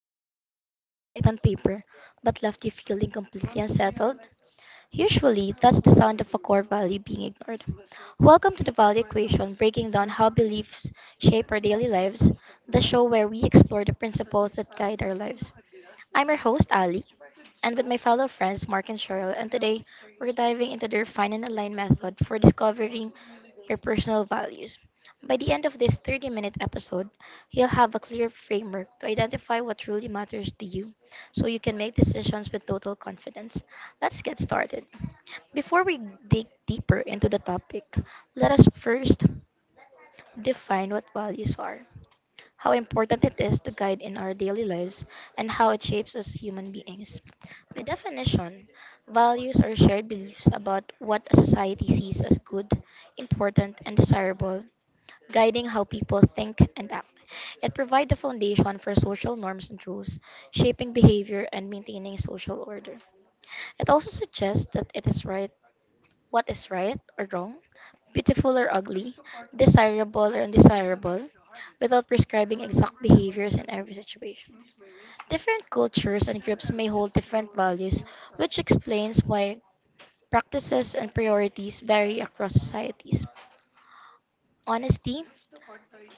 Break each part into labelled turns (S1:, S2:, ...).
S1: a decision that felt right on paper but left you feeling completely unsettled? Usually, that's the sound of a core value being ignored. Welcome to the Value Equation, breaking down how beliefs shape our daily lives, the show where we explore the principles that guide our lives. I'm your host, Ali, and with my fellow friends, Mark and Cheryl, and today we're diving into the Refine and Align method for discovering your personal values. By the end of this 30-minute minute episode, you'll have a clear framework to identify what truly matters to you so you can make decisions with total confidence. Let's get started. Before we dig deeper into the topic, let us first define what values are, how important it is to guide in our daily lives, and how it shapes us human beings. By definition, values are shared beliefs about what a society sees as good, important, and desirable, guiding how people think and act. It provides the foundation for social norms and rules, shaping behavior and maintaining social order. It also suggests that it is right, what is right or wrong, beautiful or ugly, desirable or undesirable, without prescribing exact behaviors in every situation. Different cultures and groups may hold different values, which explains why practices and priorities vary across societies. Honesty,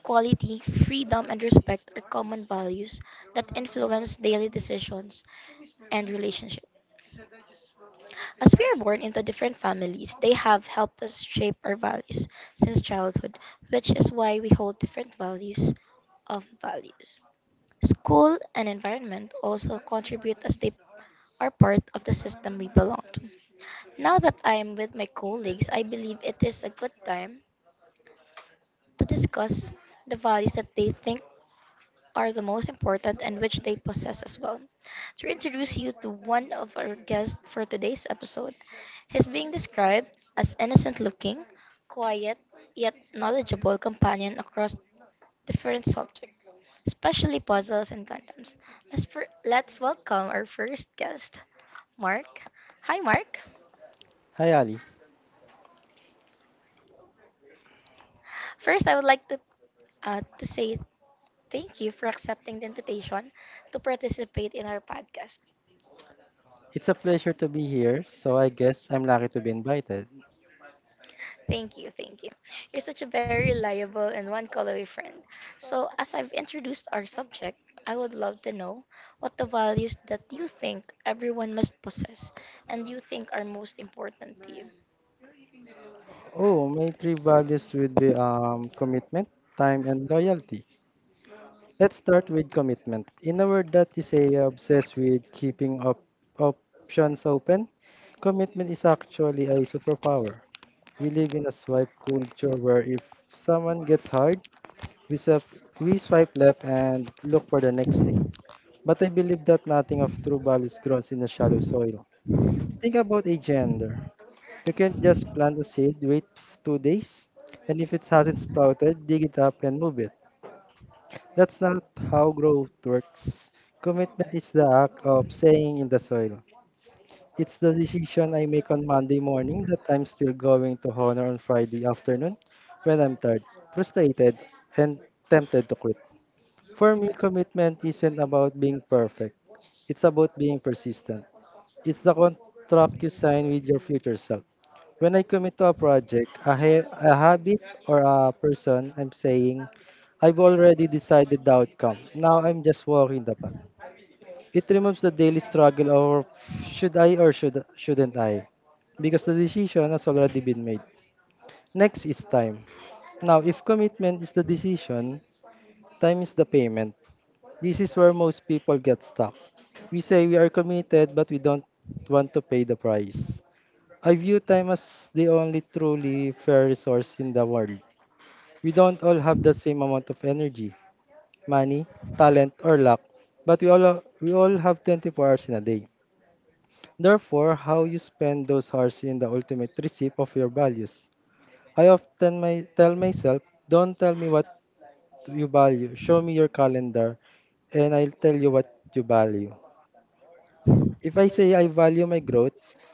S1: quality, freedom, and respect are common values that influence daily decisions and relationships. As we are born into different families, they have helped us shape our values since childhood, which is why we hold different values of values. School and environment also contribute as they are part of the system we belong to. Now that I am with my colleagues, I believe it is a good time to discuss the values that they think are the most important and which they possess as well. To introduce you to one of our guests for today's episode, he's being described as innocent looking, quiet, yet knowledgeable companion across different subjects, especially puzzles and condoms. Let's welcome our first guest, Mark. Hi, Mark.
S2: Hi, Ali.
S1: First, I would like to say thank you for accepting the invitation to participate in our podcast.
S2: It's a pleasure to be here. So I guess I'm lucky to be invited.
S1: Thank you, thank you. You're such a very reliable and one call away friend. So, as I've introduced our subject, I would love to know what the values that you think everyone must possess and you think are most important to you.
S2: Oh, my three values would be commitment, time, and loyalty. Let's start with commitment. In a word that is a obsessed with keeping up options open, commitment is actually a superpower. We live in a swipe culture where if someone gets hard, we swipe, we swipe left and look for the next thing. But I believe that nothing of true values grows in the shallow soil. Think about a gender. You can't just plant the seed, wait 2 days, and if it hasn't sprouted, dig it up and move it. That's not how growth works. Commitment is the act of staying in the soil. It's the decision I make on Monday morning that I'm still going to honor on Friday afternoon when I'm tired, frustrated, and tempted to quit. For me, commitment isn't about being perfect. It's about being persistent. It's the contract you sign with your future self. When I commit to a project, a habit, or a person, I'm saying, I've already decided the outcome. Now I'm just walking the path. It removes the daily struggle of should I or shouldn't I? Because the decision has already been made. Next is time. Now, if commitment is the decision, time is the payment. This is where most people get stuck. We say we are committed, but we don't want to pay the price. I view time as the only truly fair resource in the world. We don't all have the same amount of energy, money, talent, or luck, but we all have 24 hours in a day. Therefore, how you spend those hours in the ultimate receipt of your values. I often may tell myself, don't tell me what you value, show me your calendar, and I'll tell you what you value. If I say I value my growth,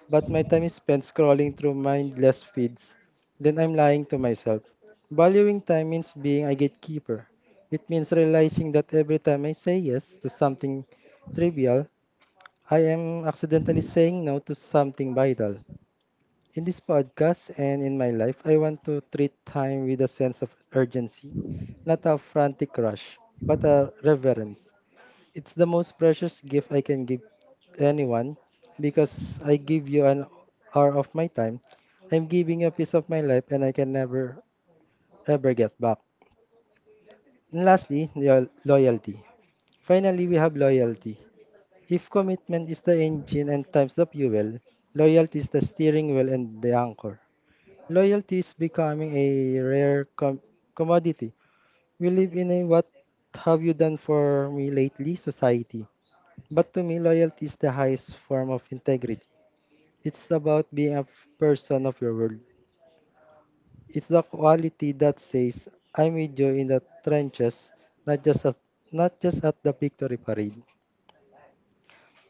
S2: but my time is spent scrolling through mindless feeds, then I'm lying to myself. Valuing time means being a gatekeeper. It means realizing that every time I say yes to something trivial, I am accidentally saying no to something vital. In this podcast and in my life, I want to treat time with a sense of urgency, not a frantic rush, but a reverence. It's the most precious gift I can give to anyone because I give you an hour of my time. I'm giving you a piece of my life and I can never ever get back. And lastly, loyalty. Finally, we have loyalty. If commitment is the engine and time's the fuel, loyalty is the steering wheel and the anchor. Loyalty is becoming a rare commodity. We live in a what have you done for me lately society. But to me, loyalty is the highest form of integrity. It's about being a person of your word. It's the quality that says, I'm with you in the trenches, not just at, not just at the victory parade.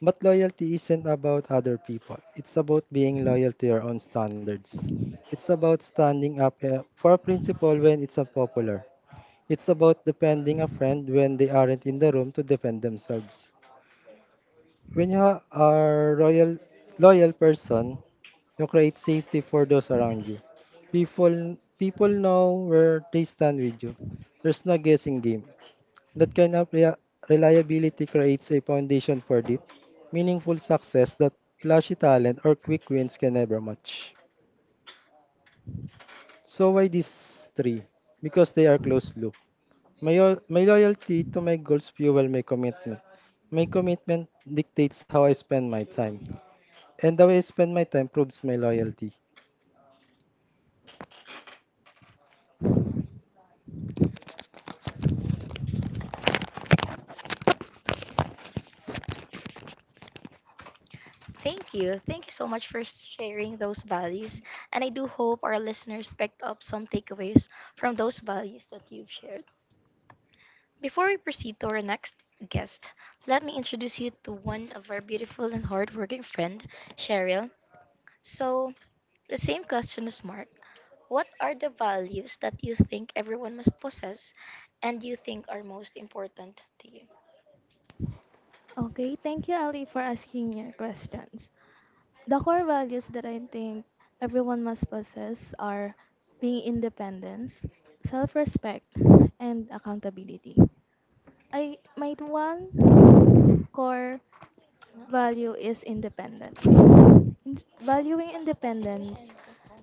S2: But loyalty isn't about other people. It's about being loyal to your own standards. It's about standing up for a principle when it's unpopular. It's about defending a friend when they aren't in the room to defend themselves. When you are a loyal person, you create safety for those around you. People know where they stand with you. There's no guessing game. That kind of reliability creates a foundation for deep, meaningful success that flashy talent or quick wins can never match. So why these three? Because they are closed loop. My loyalty to my goals fuel my commitment. My commitment dictates how I spend my time. And the way I spend my time proves my loyalty.
S1: Thank you. Thank you so much for sharing those values. And I do hope our listeners picked up some takeaways from those values that you've shared. Before we proceed to our next guest, let me introduce you to one of our beautiful and hardworking friend, Cheryl. So, the same question is Mark. What are the values that you think everyone must possess and you think are most important to you?
S2: Okay, thank you, Ali, for asking your questions. The core values that I think everyone must possess are being independence, self respect, and accountability. I might one core
S1: Ano?
S2: value is independent. Valuing independence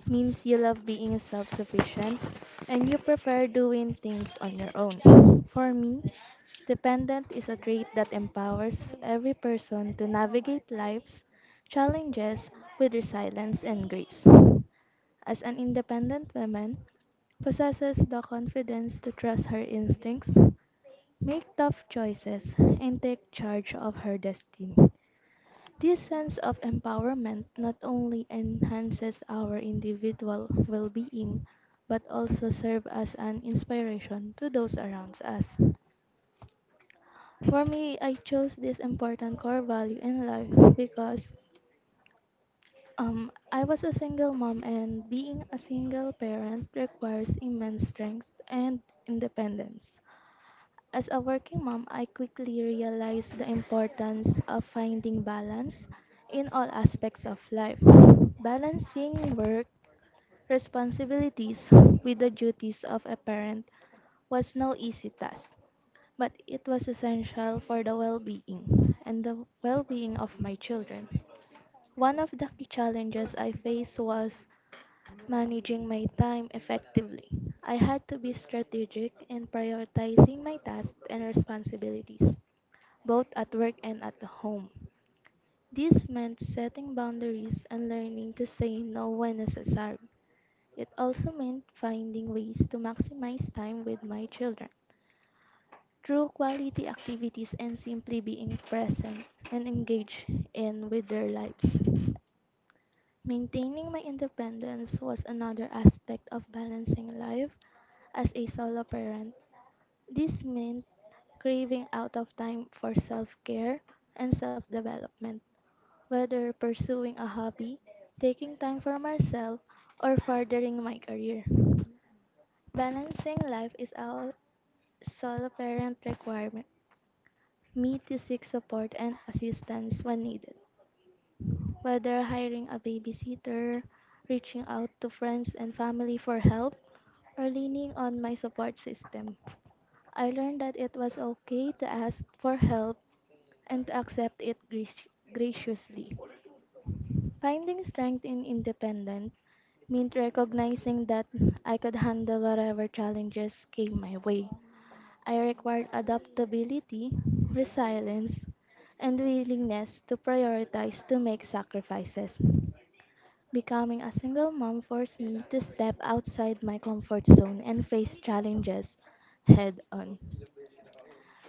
S2: means you love being self sufficient and you prefer doing things on your own. For me, dependent is a trait that empowers every person to navigate life's challenges with resilience and grace. As an independent woman, possesses the confidence to trust her instincts, make tough choices, and take charge of her destiny. This sense of empowerment not only enhances our individual well being, but also serves as an inspiration to those around us. For me, I chose this important core value in life because I was a single mom, and being a single parent requires immense strength and independence. As a working mom, I quickly realized the importance of finding balance in all aspects of life. Balancing work responsibilities with the duties of a parent was no easy task, but it was essential for the well being and the well being of my children. One of the key challenges I faced was managing my time effectively. I had to be strategic in prioritizing my tasks and responsibilities, both at work and at home. This meant setting boundaries and learning to say no when necessary. It also meant finding ways to maximize time with my children through quality activities and simply being present and engaged in with their lives. Maintaining my independence was another aspect of balancing life as a solo parent. This meant craving out of time for self care and self development, whether pursuing a hobby, taking time for myself, or furthering my career. Balancing life is a solo parent requirement. Me to seek support and assistance when needed. Whether hiring a babysitter, reaching out to friends and family for help, or leaning on my support system, I learned that it was okay to ask for help and to accept it graciously. Finding strength in independence meant recognizing that I could handle whatever challenges came my way. I required adaptability, resilience, and willingness to prioritize to make sacrifices. Becoming a single mom forced me to step outside my comfort zone and face challenges head on.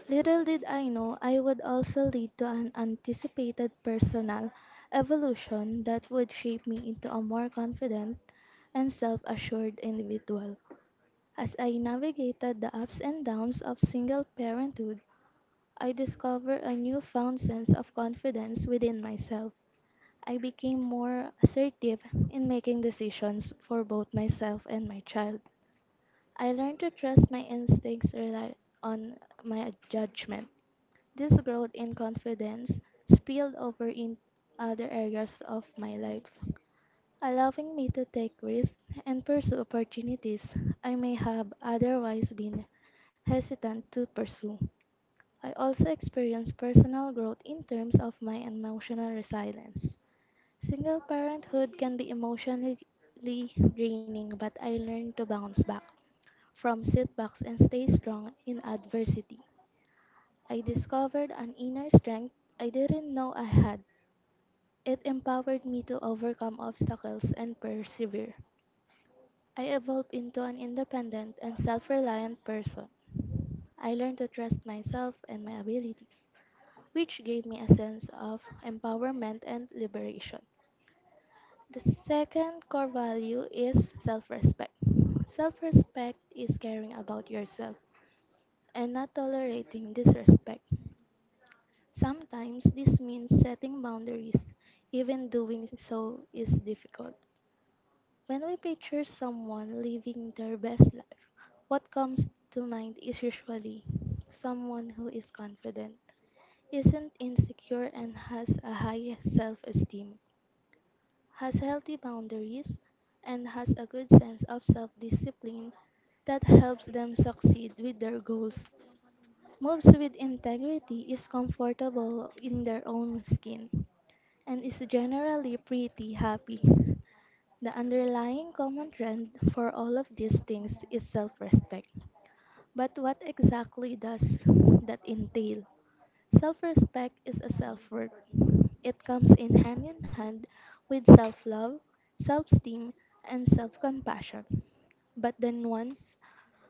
S2: Little did I know I would also lead to an anticipated personal evolution that would shape me into a more confident and self assured individual. As I navigated the ups and downs of single parenthood, I discovered a newfound sense of confidence within myself. I became more assertive in making decisions for both myself and my child. I learned to trust my instincts, rely on my judgment. This growth in confidence spilled over in other areas of my life, allowing me to take risks and pursue opportunities I may have otherwise been hesitant to pursue. I also experienced personal growth in terms of my emotional resilience. Single parenthood can be emotionally draining, but I learned to bounce back from setbacks and stay strong in adversity. I discovered an inner strength I didn't know I had. It empowered me to overcome obstacles and persevere. I evolved into an independent and self reliant person. I learned to trust myself and my abilities, which gave me a sense of empowerment and liberation. The second core value is self respect. Self respect is caring about yourself and not tolerating disrespect. Sometimes this means setting boundaries, even doing so is difficult. When we picture someone living their best life, what comes to mind is usually someone who is confident, isn't insecure, and has a high self esteem, has healthy boundaries, and has a good sense of self discipline that helps them succeed with their goals. Moves with integrity is comfortable in their own skin and is generally pretty happy. The underlying common trend for all of these things is self respect. But what exactly does that entail? Self respect is a self worth. It comes in hand with self love, self esteem, and self compassion. But the nuance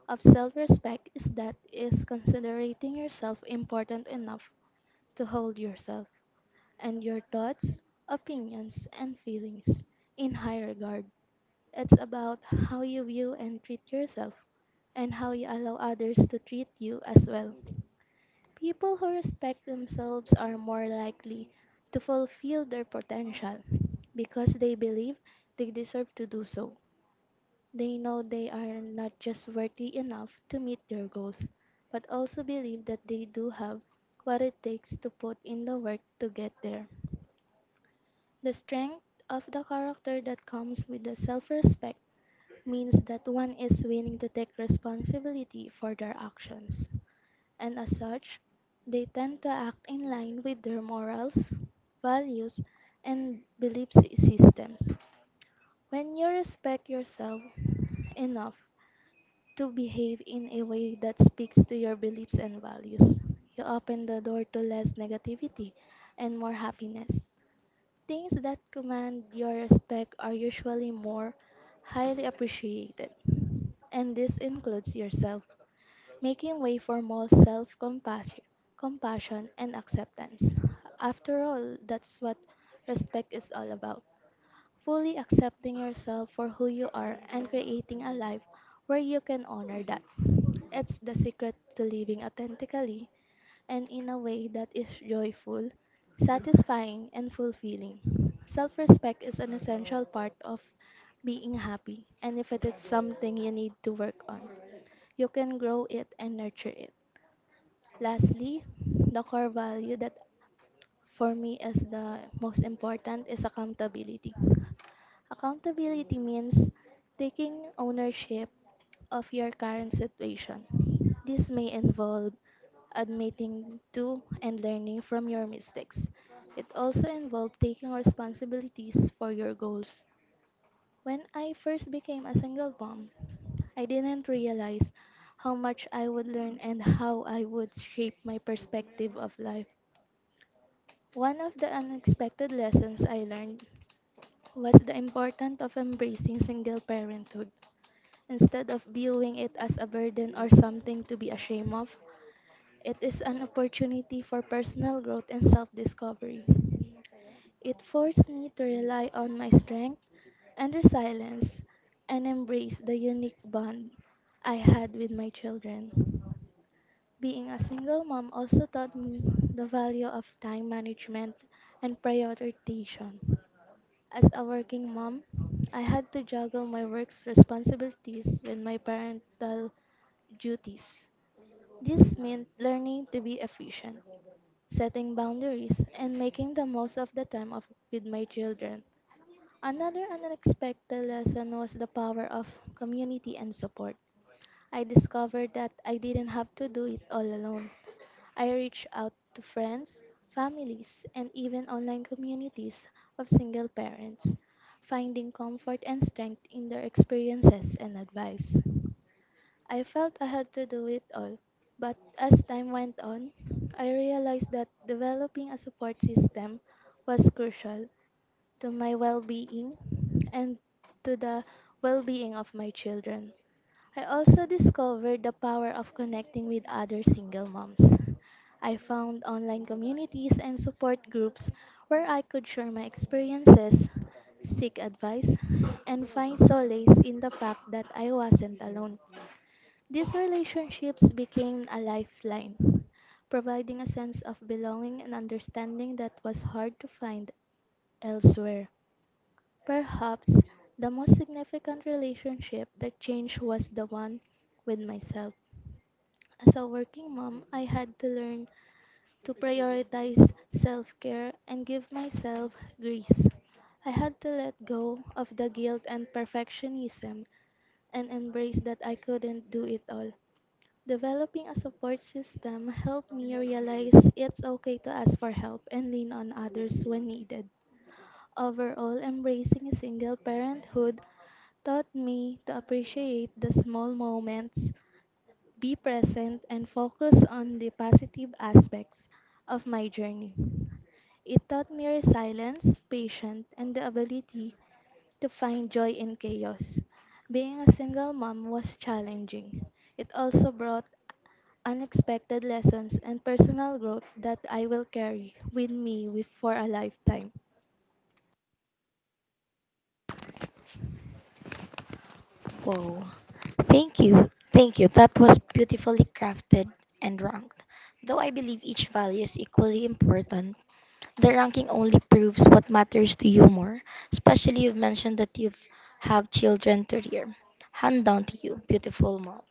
S2: of self respect is that is considering yourself important enough to hold yourself and your thoughts, opinions, and feelings in high regard. It's about how you view and treat yourself and how you allow others to treat you as well. People who respect themselves are more likely to fulfill their potential because they believe they deserve to do so. They know they are not just worthy enough to meet their goals, but also believe that they do have what it takes to put in the work to get there. The strength of the character that comes with the self respect means that one is willing to take responsibility for their actions and as such, they tend to act in line with their morals, values, and belief systems. When you respect yourself enough to behave in a way that speaks to your beliefs and values, you open the door to less negativity and more happiness. Things that command your respect are usually more highly appreciated, and this includes yourself making way for more self compassion and acceptance. After all, that's what respect is all about fully accepting yourself for who you are and creating a life where you can honor that. It's the secret to living authentically and in a way that is joyful, satisfying, and fulfilling. Self respect is an essential part of being happy, and if it is something you need to work on, you can grow it and nurture it. Lastly, the core value that for me is the most important is accountability. Accountability means taking ownership of your current situation. This may involve admitting to and learning from your mistakes. It also involved taking responsibilities for your goals. When I first became a single mom, I didn't realize how much I would learn and how I would shape my perspective of life. One of the unexpected lessons I learned was the importance of embracing single parenthood. Instead of viewing it as a burden or something to be ashamed of, it is an opportunity for personal growth and self discovery. It forced me to rely on my strength and resilience and embrace the unique bond I had with my children. Being a single mom also taught me the value of time management and prioritization. As a working mom, I had to juggle my work's responsibilities with my parental duties. This meant learning to be efficient, setting boundaries, and making the most of the with my children. Another unexpected lesson was the power of community and support. I discovered that I didn't have to do it all alone. I reached out to friends, families, and even online communities of single parents, finding comfort and strength in their experiences and advice. I felt I had to do it all, but as time went on, I realized that developing a support system was crucial to my well being and to the well being of my children. I also discovered the power of connecting with other single moms. I found online communities and support groups where I could share my experiences, seek advice, and find solace in the fact that I wasn't alone. These relationships became a lifeline, providing a sense of belonging and understanding that was hard to find elsewhere. Perhaps the most significant relationship that changed was the one with myself. As a working mom, I had to learn to prioritize self care and give myself grace. I had to let go of the guilt and perfectionism and embrace that I couldn't do it all. Developing a support system helped me realize it's okay to ask for help and lean on others when needed. Overall, embracing single parenthood taught me to appreciate the small moments, be present, and focus on the positive aspects of my journey. It taught me resilience, patience, and the ability to find joy in chaos. Being a single mom was challenging. It also brought unexpected lessons and personal growth that I will carry with me for a lifetime.
S1: Whoa. Thank you. Thank you. That was beautifully crafted and ranked. Though I believe each value is equally important, the ranking only proves what matters to you more, especially you've mentioned that you have children to rear. Hand down to you, beautiful mom.